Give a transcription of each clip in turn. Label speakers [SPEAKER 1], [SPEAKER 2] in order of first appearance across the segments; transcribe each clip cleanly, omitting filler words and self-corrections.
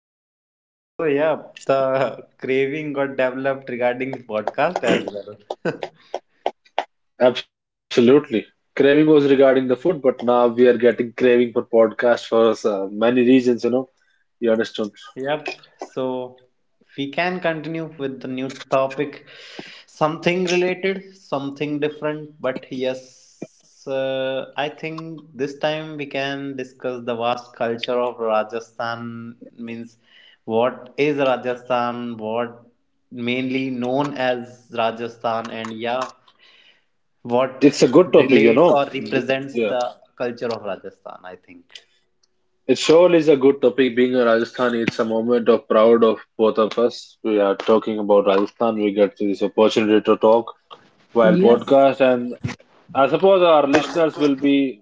[SPEAKER 1] podcast interesting
[SPEAKER 2] So
[SPEAKER 1] too.
[SPEAKER 2] yeah, the craving got developed regarding the podcast as well.
[SPEAKER 1] Absolutely. Craving was regarding the food, but now we are getting craving for podcast for many reasons, you know. You understand?
[SPEAKER 2] Yep. So we can continue with the new topic. Something related, something different, but yes, I think this time we can discuss the vast culture of Rajasthan. Means, what is Rajasthan? What mainly known as Rajasthan, and yeah, what
[SPEAKER 1] It's a good topic, you
[SPEAKER 2] relates
[SPEAKER 1] know.
[SPEAKER 2] or represents
[SPEAKER 1] Yeah.
[SPEAKER 2] the culture of Rajasthan? I think.
[SPEAKER 1] It surely is a good topic. Being a Rajasthani, it's a moment of proud of both of us. We are talking about Rajasthan. We get this opportunity to talk while
[SPEAKER 2] Yes.
[SPEAKER 1] podcast, and I suppose our listeners will be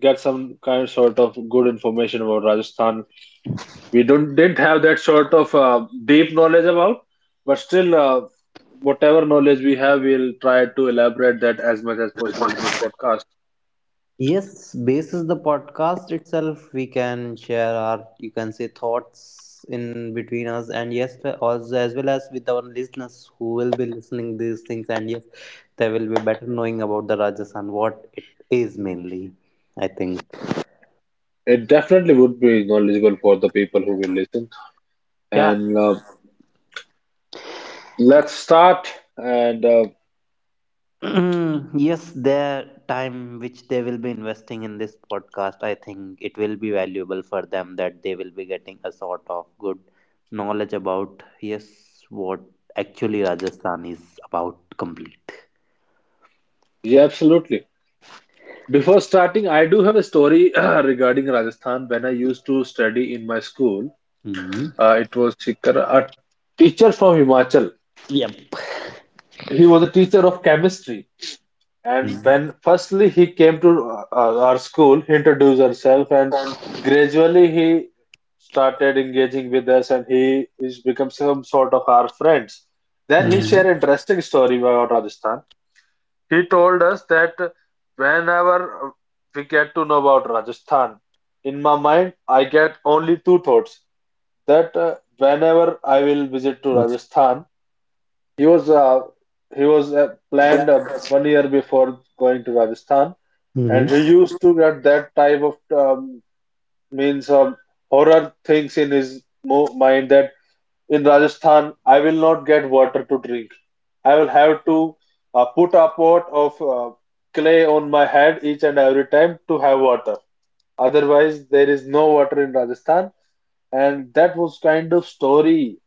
[SPEAKER 1] get some kind sort of good information about Rajasthan. We don't didn't have that sort of deep knowledge about, but still, whatever knowledge we have, we'll try to elaborate that as much as possible in this podcast.
[SPEAKER 2] Yes, basis the podcast itself, we can share our you can say thoughts in between us, and yes, also as well as with our listeners who will be listening these things, and yes, they will be better knowing about the Rajasthan what it is mainly. I think.
[SPEAKER 1] It definitely would be knowledgeable for the people who will listen,
[SPEAKER 2] Yeah.
[SPEAKER 1] and let's start, and
[SPEAKER 2] Mm, yes, their time which they will be investing in this podcast, I think it will be valuable for them that they will be getting a sort of good knowledge about, yes, what actually Rajasthan is about complete.
[SPEAKER 1] yeah, absolutely. Before starting, I do have a story regarding Rajasthan when I used to study in my school.
[SPEAKER 2] Mm.
[SPEAKER 1] It was Sikar, a teacher from Himachal.
[SPEAKER 2] Yep.
[SPEAKER 1] He was a teacher of chemistry. And
[SPEAKER 2] Mm.
[SPEAKER 1] when firstly he came to our school, he introduced himself, and gradually he started engaging with us, and he is become some sort of our friends. Then he shared
[SPEAKER 2] Mm-hmm.
[SPEAKER 1] interesting story about Rajasthan. He told us that whenever we get to know about Rajasthan, in my mind I get only two thoughts. That whenever I will visit to Rajasthan, he was uh, he was planned 1 year before going to Rajasthan,
[SPEAKER 2] Mm-hmm.
[SPEAKER 1] and he used to get that type of means horror things in his mo mind that in Rajasthan, I will not get water to drink. I will have to put a pot of clay on my head each and every time to have water. Otherwise, there is no water in Rajasthan. And that was kind of story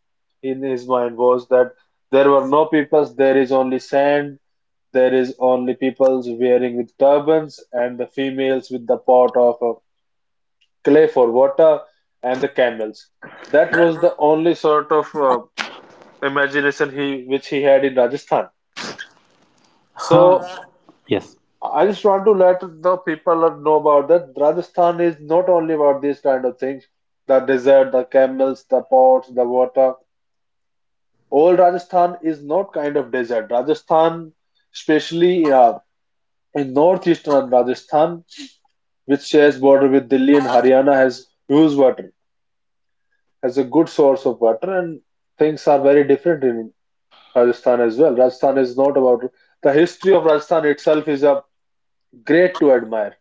[SPEAKER 1] in his mind was that there were no peoples, there is only sand, there is only peoples wearing with turbans, and the females with the pot of clay for water, and the camels. That was the only sort of imagination he which he had in Rajasthan. So
[SPEAKER 2] Huh. Yes.
[SPEAKER 1] I just want to let the people know about that. Rajasthan is not only about these kind of things, the desert, the camels, the pots, the water. Old Rajasthan is not kind of desert. Rajasthan, especially in northeastern Rajasthan, which shares border with Delhi and Haryana, has huge water, has a good source of water, and things are very different in Rajasthan as well. Rajasthan is not about, the history of Rajasthan itself is a great to admire.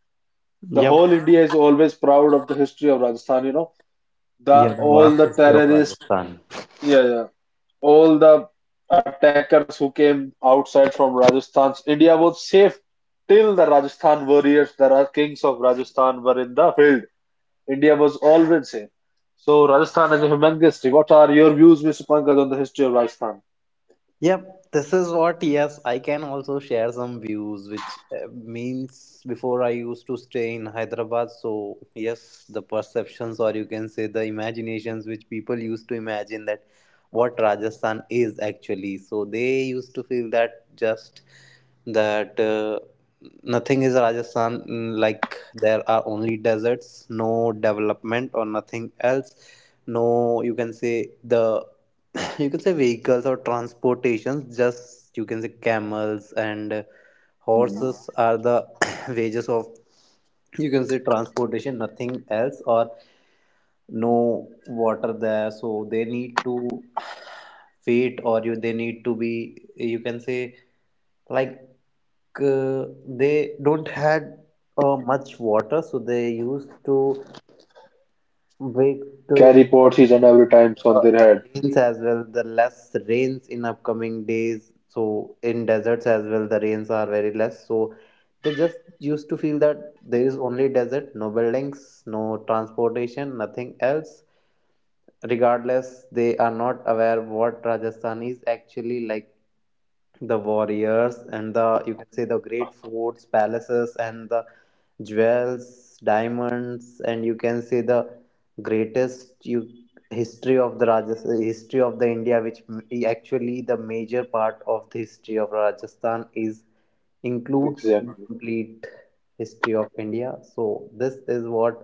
[SPEAKER 1] The
[SPEAKER 2] Yep.
[SPEAKER 1] whole India is always proud of the history of Rajasthan. You know, the
[SPEAKER 2] Yeah, the
[SPEAKER 1] all
[SPEAKER 2] vast
[SPEAKER 1] the
[SPEAKER 2] history of
[SPEAKER 1] terrorists,
[SPEAKER 2] Rajasthan.
[SPEAKER 1] yeah, yeah, all the attackers who came outside from Rajasthan. India was safe till the Rajasthan warriors, the kings of Rajasthan, were in the field. India was always safe. So Rajasthan has a humongous history. What are your views, Mr. Pankaj, on the history of Rajasthan?
[SPEAKER 2] Yep, this is what, yes, I can also share some views, which means before I used to stay in Hyderabad. So, yes, the perceptions, or you can say the imaginations, which people used to imagine that what Rajasthan is actually. So, they used to feel that just that nothing is Rajasthan, like there are only deserts, no development, or nothing else. No, you can say the you can say vehicles or transportations just you can say camels and
[SPEAKER 1] Mhm.
[SPEAKER 2] horses are the wages of you can say transportation nothing else or no water there so they need to wait or you they need to be you can say like they don't had much water so they used to wait to
[SPEAKER 1] Carry
[SPEAKER 2] the
[SPEAKER 1] pots each and every time on
[SPEAKER 2] water
[SPEAKER 1] their
[SPEAKER 2] and the
[SPEAKER 1] head.
[SPEAKER 2] rains as well. The less rains in upcoming days. So in deserts as well, the rains are very less. So they just used to feel that there is only desert, no buildings, no transportation, nothing else. Regardless, they are not aware what Rajasthan is actually like the warriors and the you can say the great forts palaces and the jewels diamonds and you can say the greatest you history of the Rajasthan, history of the India, which actually the major part of the history of Rajasthan is includes
[SPEAKER 1] Exactly.
[SPEAKER 2] incomplete history of India. So this is what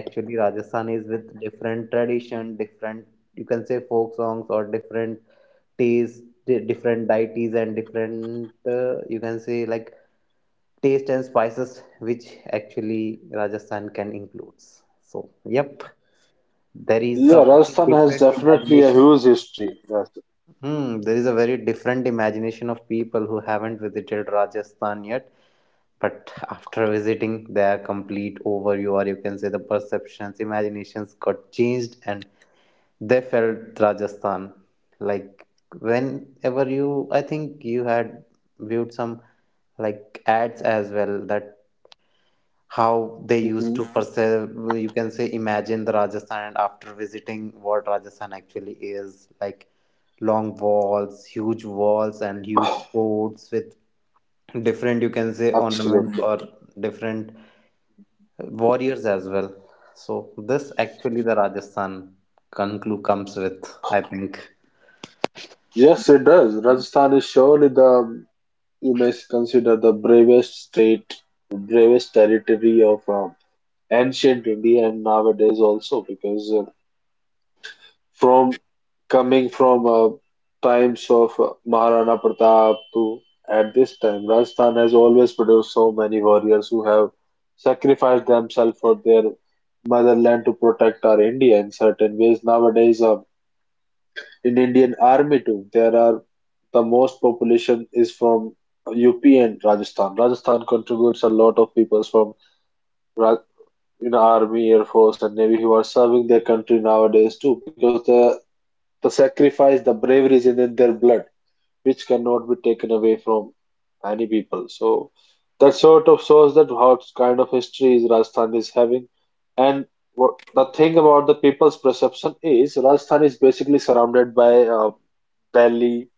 [SPEAKER 2] actually Rajasthan is, with different tradition, different you can say folk songs or different taste different deities and different you can say like taste and spices which actually Rajasthan can includes. So yep, there is a
[SPEAKER 1] Yeah,
[SPEAKER 2] very
[SPEAKER 1] Rajasthan has
[SPEAKER 2] different
[SPEAKER 1] definitely a
[SPEAKER 2] imagination.
[SPEAKER 1] huge history. Yes,
[SPEAKER 2] Hmm, there is a very different imagination of people who haven't visited Rajasthan yet, but after visiting their complete overview or you can say the perceptions, imaginations got changed and they felt Rajasthan. Like whenever you, I think you had viewed some like ads as well that how they used
[SPEAKER 1] hmm
[SPEAKER 2] to perceive. You can say imagine the Rajasthan, and after visiting what Rajasthan actually is, like long walls, huge walls, and huge forts with different you can say ornaments
[SPEAKER 1] absolutely.
[SPEAKER 2] or different warriors as well, so this actually the Rajasthan conclu comes with, I think.
[SPEAKER 1] Yes, it does. Rajasthan is surely the you may consider the bravest state, bravest territory of ancient India and nowadays also, because from coming from times of Maharana Pratap to at this time, Rajasthan has always produced so many warriors who have sacrificed themselves for their motherland to protect our India in certain ways. Nowadays, in Indian army too, the most population is from UP and Rajasthan. Rajasthan contributes a lot of people from Ra- in army, air force, and navy who are serving their country nowadays too, because the sacrifice, the bravery is in their blood, which cannot be taken away from any people. So that sort of shows that what kind of history is Rajasthan is having. And what the thing about the people's perception is Rajasthan is basically surrounded by uh, Delhi,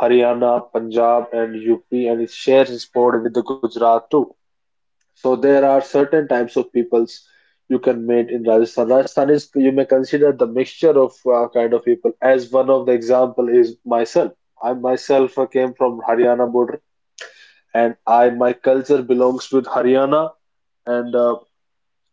[SPEAKER 1] Haryana, Punjab, and UP, and it shares its border with the Gujarat too. So there are certain types of peoples you can meet in Rajasthan. Rajasthan is you may consider the mixture of kind of people. As one of the example is myself. I myself came from Haryana border, and I my culture belongs with Haryana, and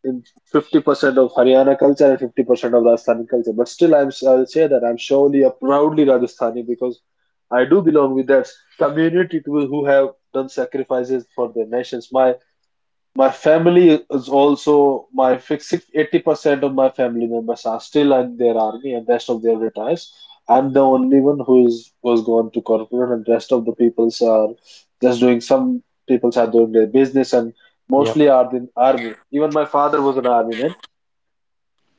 [SPEAKER 1] in 50% of Haryana culture and 50% of Rajasthani culture. But still, I'll say that I'm surely a proudly Rajasthani because I do belong with that community to, who have done sacrifices for their nations. My family is also my fixed 80% of my family members are still in their army and rest of their retires. I'm the only one who is was gone to corporate and rest of the peoples are just doing some peoples are doing their business, and mostly
[SPEAKER 2] Yep.
[SPEAKER 1] are in army. Even my father was an army man.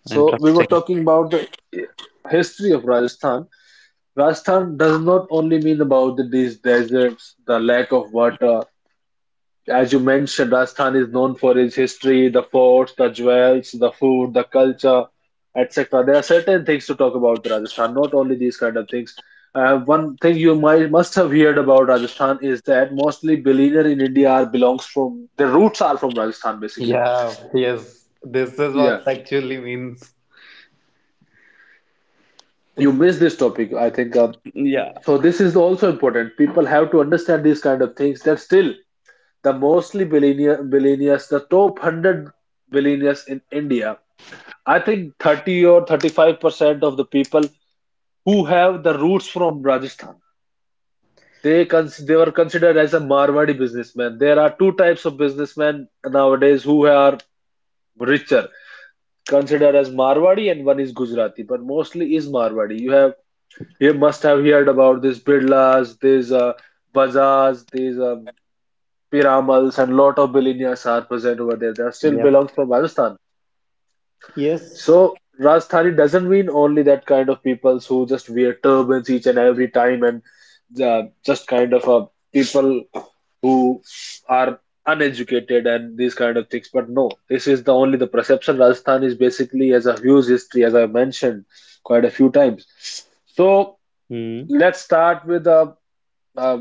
[SPEAKER 1] So we were
[SPEAKER 2] Interesting.
[SPEAKER 1] talking about the history of Rajasthan. Rajasthan does not only mean about these deserts, the lack of water. As you mentioned, Rajasthan is known for its history, the forts, the jewels, the food, the culture, etc. There are certain things to talk about the Rajasthan, not only these kind of things. One thing you might must have heard about Rajasthan is that mostly billionaire in India are belongs from, their roots are from Rajasthan basically.
[SPEAKER 2] Yeah, yes. This is
[SPEAKER 1] Yeah,
[SPEAKER 2] what actually means.
[SPEAKER 1] you missed this topic, I think. So this is also important. People have to understand these kind of things that still the mostly billionaires, the top 100 billionaires in India, I think 30 or 35% of the people who have the roots from Rajasthan, they were considered as a Marwadi businessman. There are two types of businessmen nowadays who are richer, considered as Marwadi and one is Gujarati, but mostly is Marwadi. You must have heard about these Birlas, these Bajaj, these Piramals, and lot of billionaires are present over there. They are still
[SPEAKER 2] Yep.
[SPEAKER 1] belongs from Rajasthan.
[SPEAKER 2] Yes.
[SPEAKER 1] So Rajasthani doesn't mean only that kind of people who just wear turbans each and every time, and just kind of people who are uneducated and these kind of things. But no, this is the only the perception. Rajasthan is basically has a huge history, as I mentioned quite a few times. So
[SPEAKER 2] Hmm.
[SPEAKER 1] let's start with uh,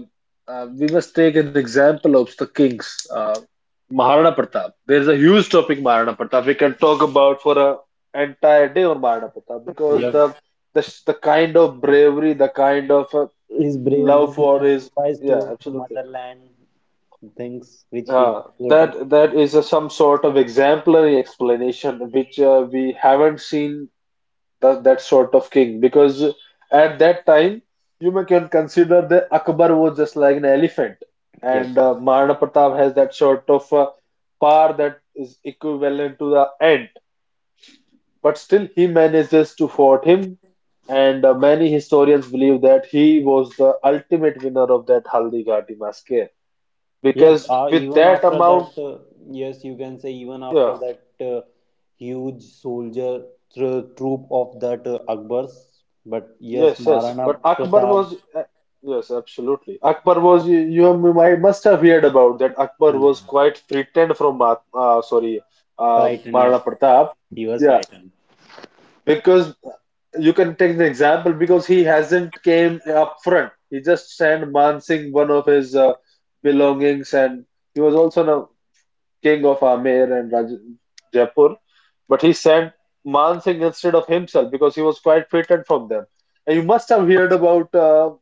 [SPEAKER 1] we must take an example of the kings. Maharana Pratap. There is a huge topic Maharana Pratap. We can talk about for a entire day on Maharana Pratap because the the kind of bravery, the kind of
[SPEAKER 2] His
[SPEAKER 1] love
[SPEAKER 2] bravery, his
[SPEAKER 1] for his,
[SPEAKER 2] sacrifice
[SPEAKER 1] yeah,
[SPEAKER 2] towards the
[SPEAKER 1] absolutely.
[SPEAKER 2] motherland, things which he
[SPEAKER 1] Uh,
[SPEAKER 2] had
[SPEAKER 1] that
[SPEAKER 2] portrayed.
[SPEAKER 1] that is some sort of exemplary explanation which we haven't seen that sort of king, because at that time you may can consider the Akbar was just like an elephant,
[SPEAKER 2] Yep.
[SPEAKER 1] and Maharana Pratap has that sort of power that is equivalent to the ant, but still he manages to fought him, and many historians believe that he was the ultimate winner of that Haldi Ghati massacre
[SPEAKER 2] Yep.
[SPEAKER 1] because with that amount,
[SPEAKER 2] Yes, you can say even after
[SPEAKER 1] yeah.
[SPEAKER 2] that huge soldier troop of that Akbar's, but yes,
[SPEAKER 1] Yes, yes.
[SPEAKER 2] Maharana
[SPEAKER 1] But Akbar
[SPEAKER 2] Pratap,
[SPEAKER 1] was, yes, absolutely. Akbar was, you must have heard about that. Akbar was
[SPEAKER 2] hmm.
[SPEAKER 1] quite threatened from, Ma sorry,
[SPEAKER 2] Frightened.
[SPEAKER 1] Maharana
[SPEAKER 2] Yep,
[SPEAKER 1] Pratap.
[SPEAKER 2] he was
[SPEAKER 1] Yeah,
[SPEAKER 2] frightened.
[SPEAKER 1] because you can take an example because he hasn't came up front. He just sent Man Singh, one of his belongings, and he was also now king of Amer and Raj Jaipur. But he sent Man Singh instead of himself because he was quite frightened from them. And you must have heard about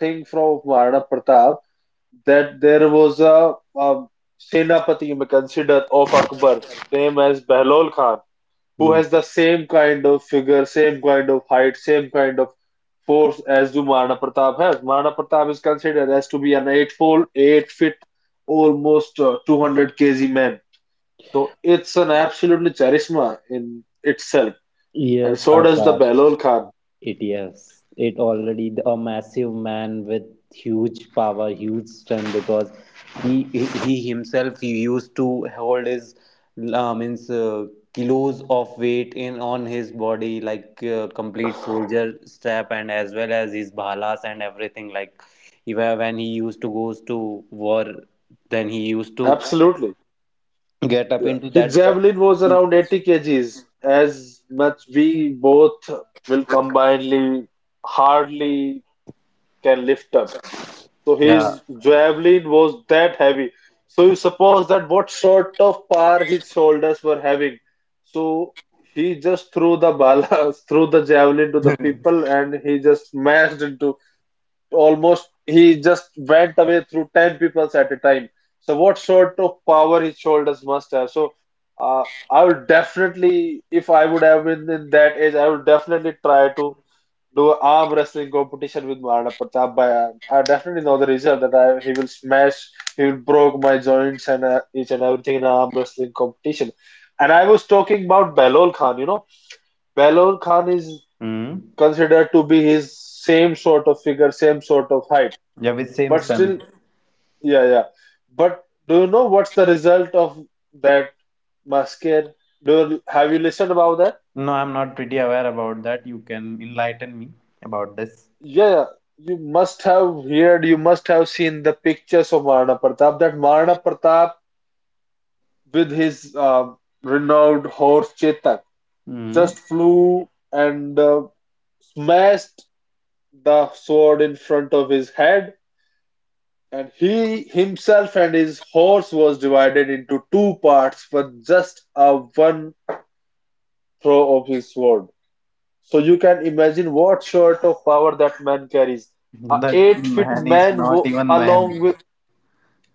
[SPEAKER 1] thing from Maharana Pratap that there was a Senapati you may consider of Akbar, named as Behlol Khan, who
[SPEAKER 2] Hmm.
[SPEAKER 1] has the same kind of figure, same kind of height, same kind of force as do Maharana Pratap has. Maharana Pratap is considered as to be an eightfold, 8 feet, almost 200 kg man. So it's an absolutely charisma in itself. And
[SPEAKER 2] Yes,
[SPEAKER 1] so does the
[SPEAKER 2] Akash.
[SPEAKER 1] Balol Khan.
[SPEAKER 2] It yes, it already a massive man with huge power, huge strength because he himself he used to hold his means kilos of weight in on his body like complete soldier strap and as well as his bhalas and everything like even when he used to goes to war then he used to
[SPEAKER 1] Absolutely.
[SPEAKER 2] get up
[SPEAKER 1] Yeah.
[SPEAKER 2] into
[SPEAKER 1] His
[SPEAKER 2] that dress
[SPEAKER 1] javelin was
[SPEAKER 2] which is
[SPEAKER 1] around 80 kgs, as much we both will combinedly hardly can lift up. So
[SPEAKER 2] yeah.
[SPEAKER 1] his javelin was that heavy. So you suppose that what sort of power his shoulders were having. So he just threw the bala, threw the javelin to the people, and he just smashed into almost he just went away through 10 people at a time. So what sort of power his shoulders must have. Uh, I would definitely, if I would have been in that age, I would definitely try to do a arm wrestling competition with Maharana Pratap Bhai. I definitely know the result that he will smash, he will broke my joints and each and everything in an arm wrestling competition. And I was talking about Belol Khan, Belol Khan is
[SPEAKER 2] Mm.
[SPEAKER 1] considered to be his same sort of figure, same sort of height,
[SPEAKER 2] Yeah, with same
[SPEAKER 1] but
[SPEAKER 2] strength.
[SPEAKER 1] still, yeah, yeah. But do you know what's the result of that massacre? Have you listened about that?
[SPEAKER 2] No, I'm not pretty aware about that. You can enlighten me about this.
[SPEAKER 1] Yeah, you must have heard, you must have seen the pictures of Maharana Pratap. That Maharana Pratap, with his renowned horse Chetak,
[SPEAKER 2] Hmm.
[SPEAKER 1] just flew and smashed the sword in front of his head. And he himself and his horse was divided into two parts for just a one throw of his sword. So you can imagine what sort of power that man carries. A
[SPEAKER 2] That
[SPEAKER 1] 8 feet
[SPEAKER 2] man is
[SPEAKER 1] man
[SPEAKER 2] not even
[SPEAKER 1] along
[SPEAKER 2] man.
[SPEAKER 1] with,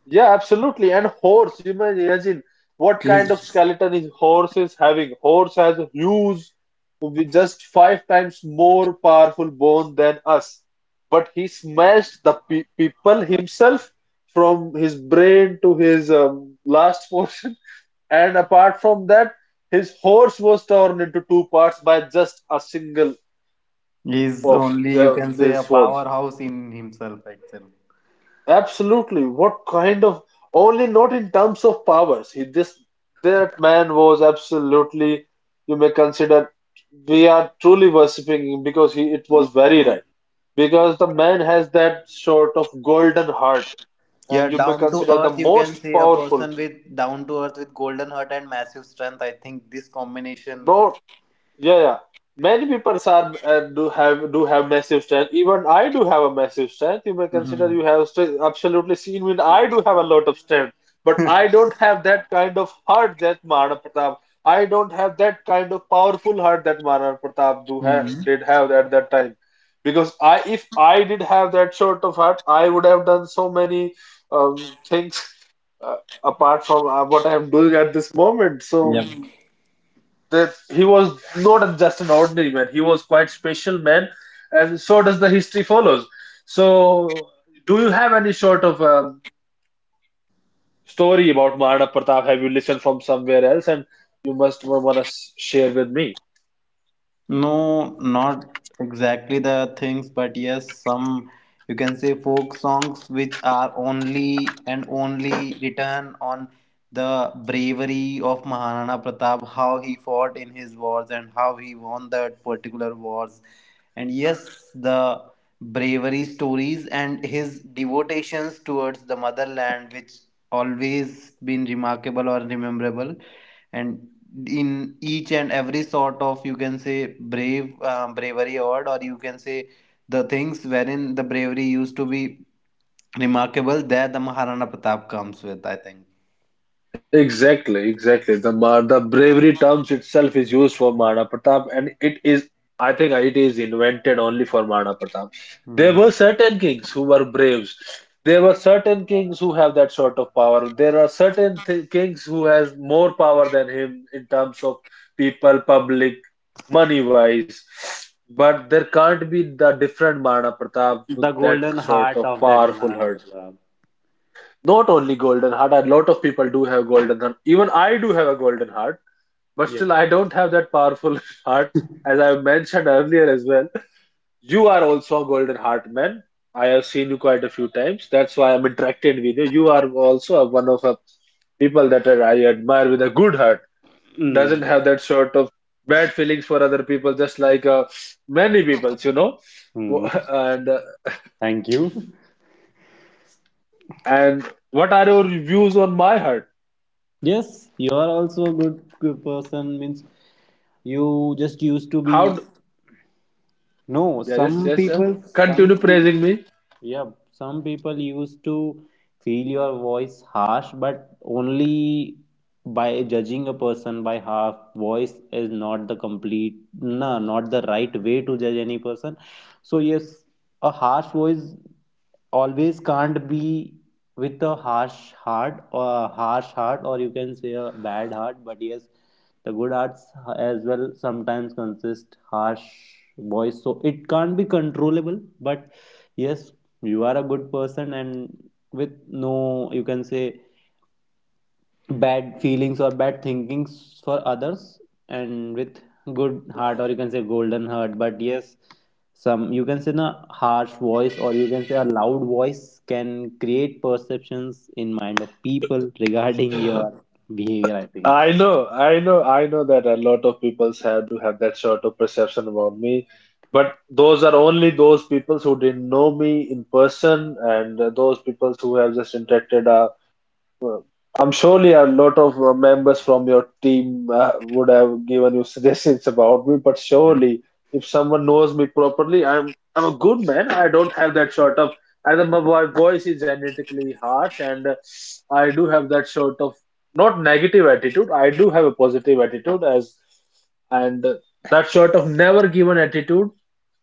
[SPEAKER 1] yeah, absolutely. And horse, you may imagine what kind of
[SPEAKER 2] He's,
[SPEAKER 1] skeleton is horse is having. Horse has a huge, with just five times more powerful bone than us. But he smashed the pe people himself from his brain to his last portion. And apart from that, his horse was torn into two parts by just a single
[SPEAKER 2] he's
[SPEAKER 1] of
[SPEAKER 2] only, you
[SPEAKER 1] the,
[SPEAKER 2] can say,
[SPEAKER 1] the
[SPEAKER 2] a
[SPEAKER 1] sword.
[SPEAKER 2] powerhouse in himself, actually.
[SPEAKER 1] Absolutely. What kind of, only not in terms of powers. He this That man was absolutely, you may consider, we are truly worshipping him because he it was very right. Because the man has that sort of golden heart,
[SPEAKER 2] Yeah,
[SPEAKER 1] and you may
[SPEAKER 2] down to
[SPEAKER 1] consider the
[SPEAKER 2] earth, you can
[SPEAKER 1] most
[SPEAKER 2] say a
[SPEAKER 1] powerful.
[SPEAKER 2] person with down to earth with golden heart and massive strength. I think this combination.
[SPEAKER 1] No. Yeah, yeah. Many people are do have massive strength. Even I do have a massive strength. You may consider
[SPEAKER 2] Mhm.
[SPEAKER 1] you have st absolutely seen me. I do have a lot of strength, but I don't have that kind of heart that Maharaja Pratap. I don't have that kind of powerful heart that Maharaja Pratap do have
[SPEAKER 2] Mhm.
[SPEAKER 1] did have at that time. Because if I did have that sort of heart, I would have done so many things, uh, apart from what I am doing at this moment. So
[SPEAKER 2] Yep.
[SPEAKER 1] that he was not just an ordinary man, he was quite special man, and so does the history follows. So do you have any sort of story about Maharana Pratap, have you listened from somewhere else and you must want to share with me?
[SPEAKER 2] No, not exactly the things, but yes, some you can say folk songs which are only and only written on the bravery of Maharana Pratap, how he fought in his wars and how he won that particular wars. And yes, the bravery stories and his devotions towards the motherland, which always been remarkable or rememberable, and in each and every sort of you can say brave bravery award or you can say the things wherein the bravery used to be remarkable, there the Maharana Pratap comes with, I think.
[SPEAKER 1] Exactly, exactly. The bravery terms itself is used for Mahana Pratap, and it is, I think, it is invented only for Mahana Pratap. There
[SPEAKER 2] Hmm.
[SPEAKER 1] were certain kings who were braves. There were certain kings who have that sort of power. There are certain th kings who has more power than him in terms of people, public, money wise. But there can't be the different Mahana Pratap with
[SPEAKER 2] The
[SPEAKER 1] that
[SPEAKER 2] golden
[SPEAKER 1] sort of
[SPEAKER 2] heart of that
[SPEAKER 1] powerful,
[SPEAKER 2] Maharana Pratap.
[SPEAKER 1] not only golden heart. A lot of people do have golden heart. Even I do have a golden heart, but
[SPEAKER 2] Yes.
[SPEAKER 1] still I don't have that powerful heart, as I mentioned earlier as well. You are also a golden heart man. I have seen you quite a few times. That's why I'm interacted with you. You are also one of the people that I admire with a good heart. Doesn't
[SPEAKER 2] Mm.
[SPEAKER 1] have that sort of bad feelings for other people, just like many peoples,
[SPEAKER 2] Mm.
[SPEAKER 1] And uh,
[SPEAKER 2] Thank you.
[SPEAKER 1] and what are your views on my heart?
[SPEAKER 2] Yes, you are also a good, good person. Means you just used to be.
[SPEAKER 1] How?
[SPEAKER 2] No,
[SPEAKER 1] Yeah, yes,
[SPEAKER 2] some
[SPEAKER 1] yes, yeah.
[SPEAKER 2] people. Some.
[SPEAKER 1] Continue
[SPEAKER 2] Pe
[SPEAKER 1] praising me.
[SPEAKER 2] Yeah, some people used to feel your voice harsh, but only by judging a person by half voice is not the complete, no, not the right way to judge any person. So yes, a harsh voice always can't be with a harsh heart or a harsh heart, or you can say a bad heart. But yes, the good hearts as well sometimes consist harsh voice, so it can't be controllable, but yes, you are a good person and with no you can say bad feelings or bad thinkings for others, and with good heart or you can say golden heart, but yes, some you can say a harsh voice or you can say a loud voice can create perceptions in mind of people regarding your behavior, I think.
[SPEAKER 1] I know, I know, I know that a lot of people have to have that sort of perception about me, but those are only those people who didn't know me in person and those people who have just interacted well, I'm surely a lot of members from your team would have given you suggestions about me, but surely if someone knows me properly, I'm a good man. I don't have that sort of, either my voice is genetically harsh, and I do have that sort of not negative attitude. I do have a positive attitude as and that sort of never given attitude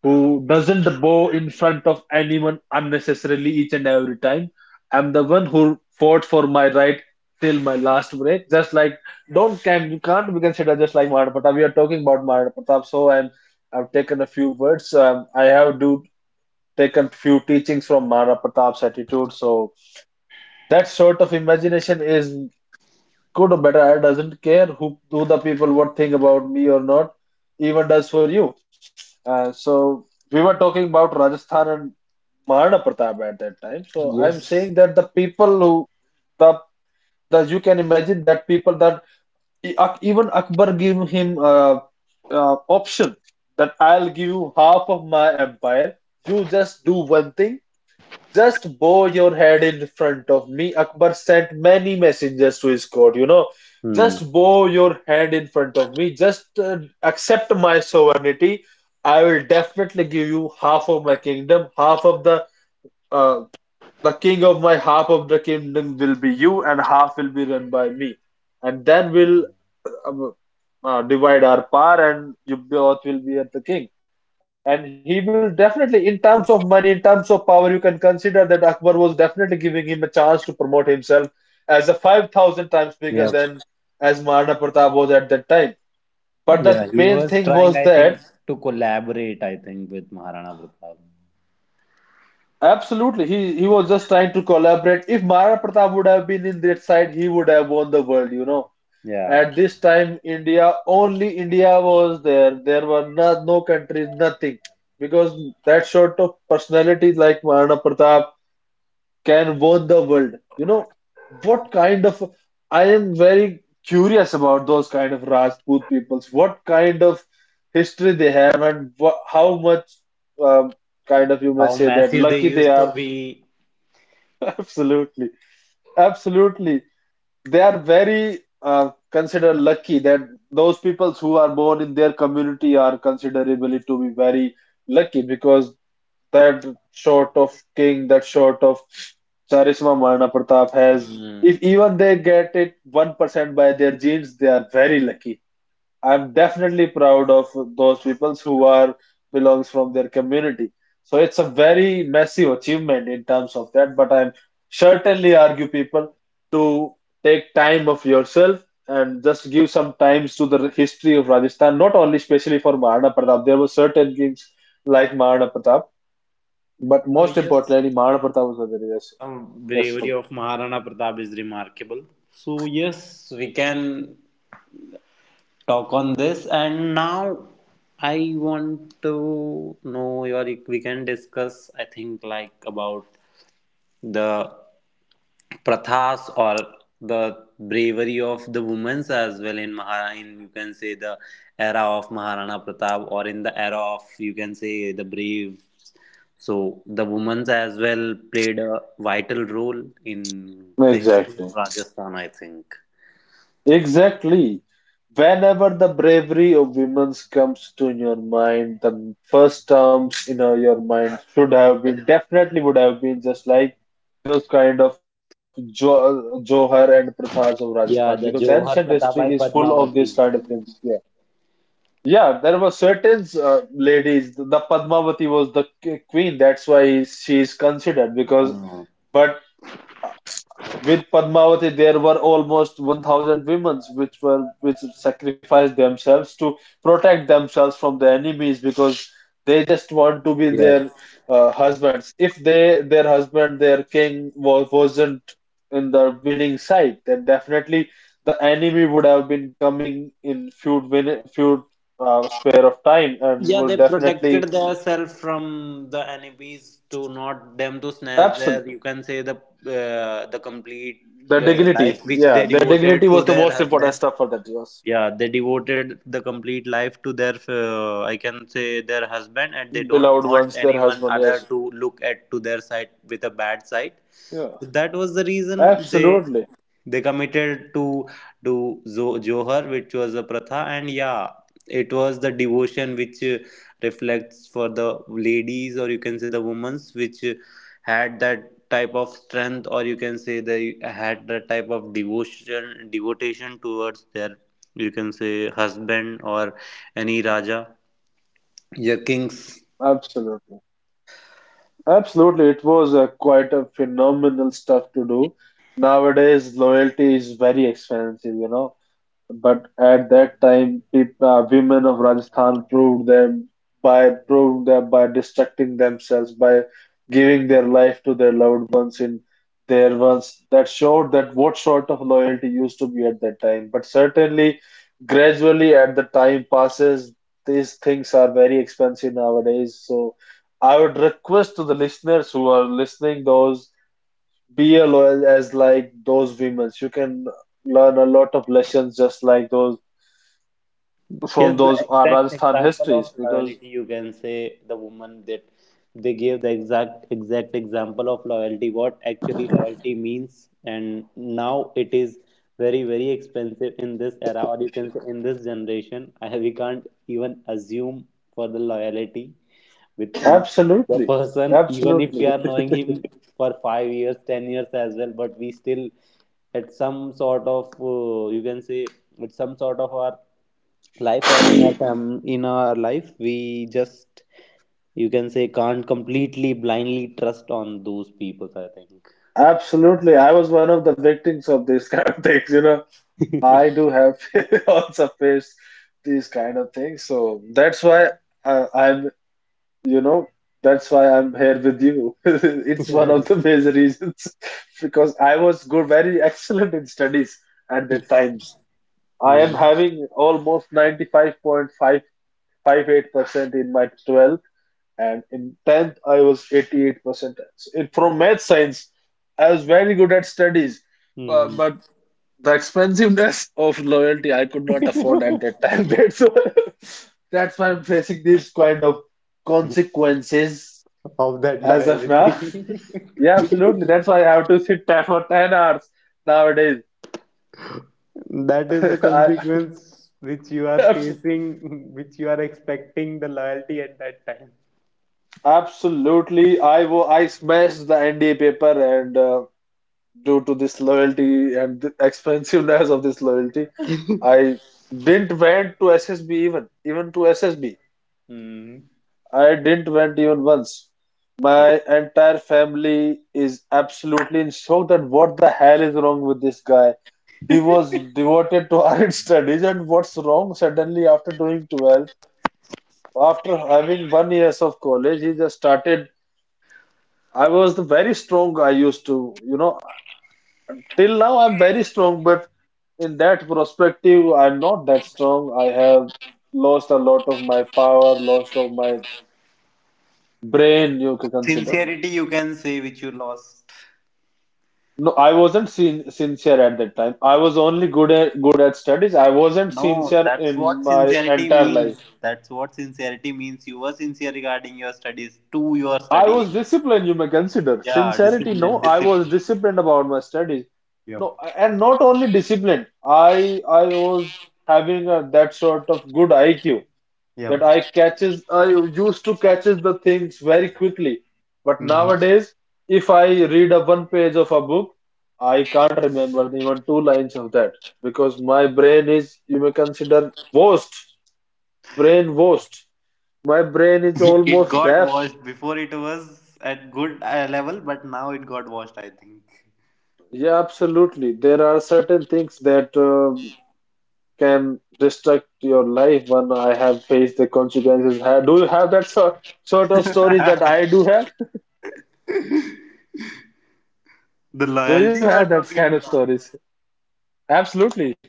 [SPEAKER 1] who doesn't bow in front of anyone unnecessarily each and every time. I'm the one who fought for my right till my last breath. Just like, don't can you can't be considered just like Maharana Pratap. We are talking about Maharana Pratap, so and I've taken a few words. I have do taken few teachings from Maharana Pratap's attitude. So that sort of imagination is good or better. I doesn't care who the people what think about me or not. Even does for you. So we were talking about Rajasthan and Maharana Pratap at that time. So I'm saying that the people who, the the you can imagine that people that even Akbar gave him option that I'll give you half of my empire. You just do one thing. Just bow your head in front of me. Akbar sent many messengers to his court. You know,
[SPEAKER 2] Hmm.
[SPEAKER 1] just bow your head in front of me. Just accept my sovereignty. I will definitely give you half of my kingdom, half of uh, the king of my half of the kingdom will be you, and half will be run by me. And then we'll um, divide our power, and you both will be at the king. And he will definitely, in terms of money, in terms of power, you can consider that Akbar was definitely giving him a chance to promote himself as a 5,000 times
[SPEAKER 2] Yeah.
[SPEAKER 1] bigger than as Maharana Pratap was at that time. But
[SPEAKER 2] Yeah,
[SPEAKER 1] the
[SPEAKER 2] he was
[SPEAKER 1] main thing
[SPEAKER 2] trying, I
[SPEAKER 1] was
[SPEAKER 2] think,
[SPEAKER 1] that,
[SPEAKER 2] to collaborate, I think, with Maharana Pratap.
[SPEAKER 1] absolutely. He was just trying to collaborate. If Maharana Pratap would have been in that side, he would have won the world, you know.
[SPEAKER 2] Yeah.
[SPEAKER 1] At this time, India, only India was there. There were no, no countries, nothing. Because that sort of personality like Maharana Pratap can won the world. You know, what kind of, I am very curious about those kind of Rajput peoples. What kind of history they have, and wha how much um, kind of, you may
[SPEAKER 2] How
[SPEAKER 1] say that,
[SPEAKER 2] massive they
[SPEAKER 1] lucky they
[SPEAKER 2] used to
[SPEAKER 1] are.
[SPEAKER 2] be.
[SPEAKER 1] Absolutely. Absolutely, they are very considered lucky that those people who are born in their community are considerably to be very lucky, because that sort of king, that sort of charisma Maharana Pratap has,
[SPEAKER 2] Hmm.
[SPEAKER 1] if even they get it 1% by their genes, they are very lucky. I'm definitely proud of those people who are belongs from their community. So it's a very massive achievement in terms of that, but I'm certainly argue people to take time of yourself and just give some times to the history of Rajasthan, not only especially for Maharana Pratap. There were certain kings like Maharana Pratap, but
[SPEAKER 2] So
[SPEAKER 1] most
[SPEAKER 2] yes,
[SPEAKER 1] importantly, Maharana Pratap was a very, yes, yes,
[SPEAKER 2] bravery of Maharana Pratap is remarkable. So yes, we can talk on this. And now I want to know your. We can discuss. I think like about the prathas or the bravery of the women's as well in Mahara in you can say the era of Maharana Pratap or in the era of you can say the brave, so the women's as well played a vital role in the history
[SPEAKER 1] exactly.
[SPEAKER 2] of Rajasthan, I think.
[SPEAKER 1] Exactly. Whenever the bravery of women comes to in your mind, the first terms in your mind should have been, definitely would have been, just like those kind of jo Johar and Prathas of Rajasthan, because
[SPEAKER 2] Yeah, the
[SPEAKER 1] ancient
[SPEAKER 2] Johar
[SPEAKER 1] history is
[SPEAKER 2] Pratabai
[SPEAKER 1] full of these kind
[SPEAKER 2] Padmavati.
[SPEAKER 1] of things. Yeah, yeah. There were certain ladies. The Padmavati was the queen. That's why she is considered because.
[SPEAKER 2] Uh,
[SPEAKER 1] But with Padmavati, there were almost 1,000 women which were which sacrificed themselves to protect themselves from the enemies, because they just want to be
[SPEAKER 2] yeah.
[SPEAKER 1] their husbands. If they their husband, their king was, wasn't in the winning side, then definitely the enemy would have been coming in few win few spare of time and
[SPEAKER 2] Yeah,
[SPEAKER 1] will
[SPEAKER 2] they
[SPEAKER 1] definitely
[SPEAKER 2] protected themselves from the enemies to not them to snatch
[SPEAKER 1] absolute
[SPEAKER 2] their, you can say the complete
[SPEAKER 1] their
[SPEAKER 2] life
[SPEAKER 1] dignity.
[SPEAKER 2] which
[SPEAKER 1] Yeah,
[SPEAKER 2] they
[SPEAKER 1] their dignity
[SPEAKER 2] devoted to
[SPEAKER 1] was the
[SPEAKER 2] their
[SPEAKER 1] most important
[SPEAKER 2] husband.
[SPEAKER 1] stuff for that. Yes.
[SPEAKER 2] Yeah, they devoted the complete life to their, I can say their husband, and they don't
[SPEAKER 1] Beloved
[SPEAKER 2] want
[SPEAKER 1] ones, their
[SPEAKER 2] anyone
[SPEAKER 1] husband.
[SPEAKER 2] other
[SPEAKER 1] Yes,
[SPEAKER 2] to look at to their side with a bad side.
[SPEAKER 1] yeah,
[SPEAKER 2] So that was the reason they
[SPEAKER 1] absolutely,
[SPEAKER 2] they committed to do Zo- Johar, which was a pratha, and yeah, it was the devotion which reflects for the ladies, or you can say the women's, which had that type of strength, or you can say they had that type of devotion, devotion towards their, you can say husband or any raja, yeah, kings.
[SPEAKER 1] absolutely, absolutely. It was a, quite a phenomenal stuff to do. Nowadays, loyalty is very expensive, you know. But at that time, people, women of Rajasthan proved them by distracting themselves by giving their life to their loved ones in their ones, that showed that what sort of loyalty used to be at that time. But certainly, gradually, as the time passes, these things are very expensive nowadays. So, I would request to the listeners who are listening, those be a loyal as like those women. You can learn a lot of lessons just like those,
[SPEAKER 2] Yes,
[SPEAKER 1] from
[SPEAKER 2] the
[SPEAKER 1] those
[SPEAKER 2] exact
[SPEAKER 1] Rajasthan
[SPEAKER 2] example
[SPEAKER 1] histories,
[SPEAKER 2] of
[SPEAKER 1] because
[SPEAKER 2] loyalty, you can say the woman that they gave the exact exact example of loyalty, what actually loyalty means, and now it is very very expensive in this era, or you can say in this generation. I have, we can't even assume for the loyalty with and the
[SPEAKER 1] absolutely,
[SPEAKER 2] person, even if
[SPEAKER 1] absolutely,
[SPEAKER 2] we are knowing him for 5 years, 10 years as well, but we still at some sort of you can say with some sort of our life or in our in our life we just you can say can't completely blindly trust on those people, I
[SPEAKER 1] absolutely. I was one of the victims of these kind of things. You know,
[SPEAKER 2] think.
[SPEAKER 1] I do have also faced these kind of things. So that's why I'm, you know. That's why I'm here with you. It's one of the major reasons because I was good, very excellent in studies at the times. I am
[SPEAKER 2] Hmm.
[SPEAKER 1] having almost 95.558% in my 12th, and in 10th, I was 88%. So it, from math science, I was very good at studies,
[SPEAKER 2] Hmm.
[SPEAKER 1] but the expensiveness of loyalty I could not afford at that time. That's why I'm facing these kind of consequences
[SPEAKER 2] Of that
[SPEAKER 1] as of now.
[SPEAKER 2] loyalty.
[SPEAKER 1] Yeah, absolutely. That's why I have to sit there for 10 hours nowadays.
[SPEAKER 2] That is the consequence which you are
[SPEAKER 1] I,
[SPEAKER 2] facing, which you are expecting the loyalty at that time.
[SPEAKER 1] absolutely. I smashed the NDA paper and due to this loyalty and the expensiveness of this loyalty, I didn't went to SSB even to SSB.
[SPEAKER 2] Hmm.
[SPEAKER 1] I didn't went even once.
[SPEAKER 2] Yeah.
[SPEAKER 1] My entire family is absolutely in shock that what the hell is wrong with this guy? He was devoted to iron studies, and what's wrong? Suddenly, after doing 12th, after having one years of college, he just started. I was the very strong. I used to, you know, till now I'm very strong, but in that perspective, I'm not that strong. I have lost a lot of my power, lost of my brain, you can consider.
[SPEAKER 2] Sincerity you can say which you lost.
[SPEAKER 1] No, I wasn't sin sincere at that time. I was only good at studies. I wasn't
[SPEAKER 2] No,
[SPEAKER 1] sincere
[SPEAKER 2] that's
[SPEAKER 1] in
[SPEAKER 2] what
[SPEAKER 1] my
[SPEAKER 2] sincerity
[SPEAKER 1] entire life.
[SPEAKER 2] means. That's what sincerity means. You were sincere regarding your studies, to your
[SPEAKER 1] I was
[SPEAKER 2] studies.
[SPEAKER 1] disciplined, you may consider.
[SPEAKER 2] Yeah,
[SPEAKER 1] Sincerity, no,
[SPEAKER 2] discipline,
[SPEAKER 1] I was
[SPEAKER 2] discipline.
[SPEAKER 1] disciplined about my studies. No,
[SPEAKER 2] Yep,
[SPEAKER 1] and not only disciplined, I was having a, that sort of good IQ that
[SPEAKER 2] yep.
[SPEAKER 1] I used to catches the things very quickly. But
[SPEAKER 2] Mhm.
[SPEAKER 1] nowadays, if I read a one page of a book, I can't remember even two lines of that because my brain is, you may consider, washed, brain washed. My brain is
[SPEAKER 2] It
[SPEAKER 1] almost
[SPEAKER 2] got
[SPEAKER 1] deaf.
[SPEAKER 2] washed before, it was at good level, but now it got washed, I think.
[SPEAKER 1] Yeah, absolutely. There are certain things that can destruct your life when I have faced the consequences. Do you have that sort of stories that I do have?
[SPEAKER 2] The
[SPEAKER 1] Do
[SPEAKER 2] loyalty
[SPEAKER 1] you
[SPEAKER 2] you are
[SPEAKER 1] have that
[SPEAKER 2] talking
[SPEAKER 1] kind of
[SPEAKER 2] about.
[SPEAKER 1] stories? Absolutely.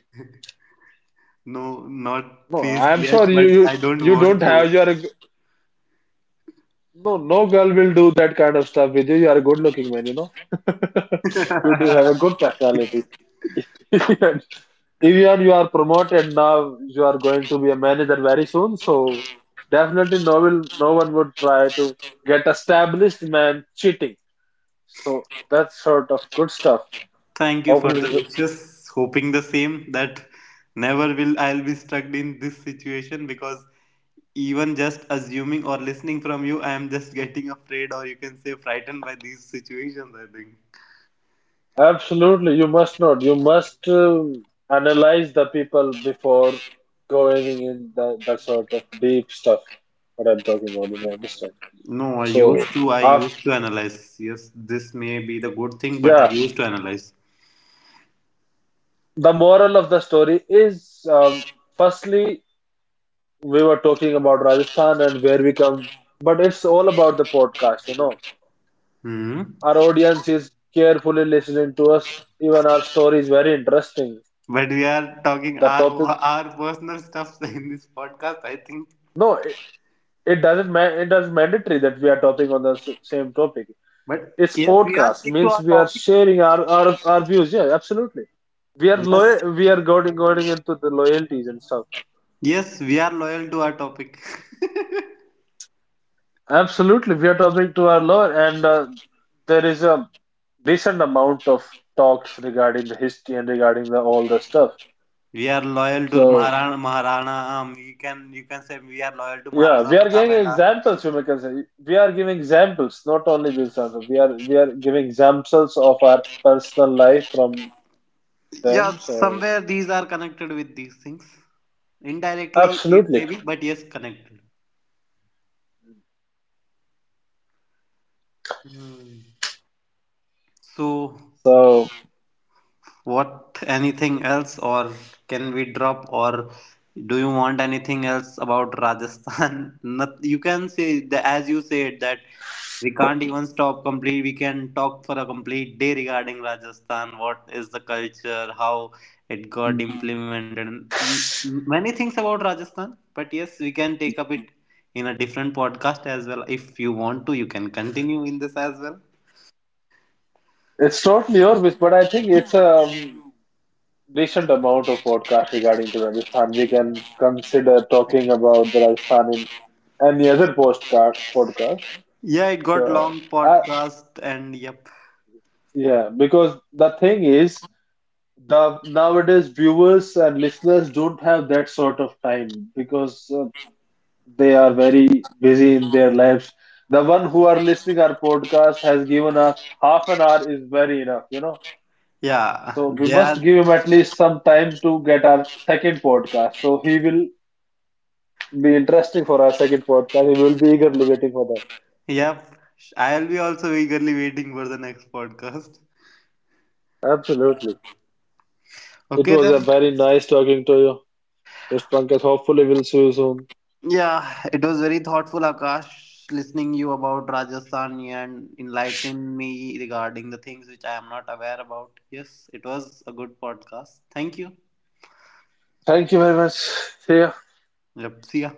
[SPEAKER 2] No, not
[SPEAKER 1] No,
[SPEAKER 2] faced
[SPEAKER 1] I'm sure
[SPEAKER 2] yet,
[SPEAKER 1] you
[SPEAKER 2] but I
[SPEAKER 1] you
[SPEAKER 2] don't
[SPEAKER 1] you
[SPEAKER 2] want
[SPEAKER 1] don't
[SPEAKER 2] to.
[SPEAKER 1] have. You are a, no girl will do that kind of stuff with you, you are a good looking man. You know. You do have a good personality. Even you are promoted now, you are going to be a manager very soon. So definitely, no one would try to get established man cheating. So that sort of good stuff.
[SPEAKER 2] Thank you for
[SPEAKER 1] Hopefully,
[SPEAKER 2] the
[SPEAKER 1] this
[SPEAKER 2] wishes. Hoping the same that never will I'll be stuck in this situation because even just assuming or listening from you, I am just getting afraid or you can say frightened by these situations, I think.
[SPEAKER 1] absolutely you must not. You must analyze the people before going in the, that sort of deep stuff. What I'm talking about, you may understand.
[SPEAKER 2] No,
[SPEAKER 1] So
[SPEAKER 2] I
[SPEAKER 1] after
[SPEAKER 2] used to analyze. Yes, this may be the good thing, but I
[SPEAKER 1] yeah,
[SPEAKER 2] used to analyze.
[SPEAKER 1] the moral of the story is firstly we were talking about Rajasthan and where we come, but it's all about the podcast.
[SPEAKER 2] Hmm.
[SPEAKER 1] Our audience is carefully listening to us. Even our story is very interesting.
[SPEAKER 2] But we are talking
[SPEAKER 1] The
[SPEAKER 2] our
[SPEAKER 1] topic,
[SPEAKER 2] our personal stuff in this podcast, I think.
[SPEAKER 1] no, it doesn't mandatory that we are talking on the same topic.
[SPEAKER 2] But
[SPEAKER 1] It's
[SPEAKER 2] yes, we are
[SPEAKER 1] podcast
[SPEAKER 2] stick to
[SPEAKER 1] means
[SPEAKER 2] our
[SPEAKER 1] we are
[SPEAKER 2] topic.
[SPEAKER 1] sharing our views. Yeah, absolutely. We are
[SPEAKER 2] Yes,
[SPEAKER 1] loyal. We are going into the loyalties and stuff.
[SPEAKER 2] yes, we are loyal to our topic.
[SPEAKER 1] Absolutely, we are talking to our law, and there is a decent amount of talks regarding the history and regarding the all the stuff.
[SPEAKER 2] We are loyal to
[SPEAKER 1] So
[SPEAKER 2] Maharana. Maharana. You can say we are loyal to
[SPEAKER 1] yeah,
[SPEAKER 2] Maharana
[SPEAKER 1] we are giving
[SPEAKER 2] Pratap and our
[SPEAKER 1] examples. You may can say we are giving examples, not only this answer. We are giving examples of our personal life from
[SPEAKER 2] yeah
[SPEAKER 1] them. So
[SPEAKER 2] somewhere these are connected with these things indirectly it may
[SPEAKER 1] absolutely.
[SPEAKER 2] be but yes connected. Hmm. So
[SPEAKER 1] So
[SPEAKER 2] what anything else, or can we drop, or do you want anything else about Rajasthan? Not, you can say the as you said that we can't even stop complete. We can talk for a complete day regarding Rajasthan. What is the culture? How it got implemented? And many things about Rajasthan. But yes, we can take up it in a different podcast as well. If you want to, you can continue in this as well.
[SPEAKER 1] it's totally your but I think it's a decent amount of podcast regarding to Rajasthan. We can consider talking about the Rajasthan and the other postcard podcast.
[SPEAKER 2] Yeah, it got
[SPEAKER 1] Uh,
[SPEAKER 2] long
[SPEAKER 1] I,
[SPEAKER 2] podcast and yep.
[SPEAKER 1] yeah, because the thing is, the nowadays viewers and listeners don't have that sort of time because they are very busy in their lives. The one who are listening our podcast has given us half an hour is very enough.
[SPEAKER 2] Yeah,
[SPEAKER 1] So we
[SPEAKER 2] they
[SPEAKER 1] must
[SPEAKER 2] are.
[SPEAKER 1] give him at least some time to get our second podcast. So he will be interesting for our second podcast. He will be eagerly waiting for
[SPEAKER 2] Yep, I'll be also eagerly waiting for the next podcast.
[SPEAKER 1] that. Absolutely. It
[SPEAKER 2] Okay
[SPEAKER 1] was
[SPEAKER 2] then.
[SPEAKER 1] a very nice talking to you. West Bunkers hopefully will see you soon.
[SPEAKER 2] Yeah, it was very thoughtful, Akash, listening you about Rajasthan and enlighten me regarding the things which I am not aware about. Yes, it was a good podcast. Thank you.
[SPEAKER 1] Thank you very much. See ya.
[SPEAKER 2] Yep, see ya.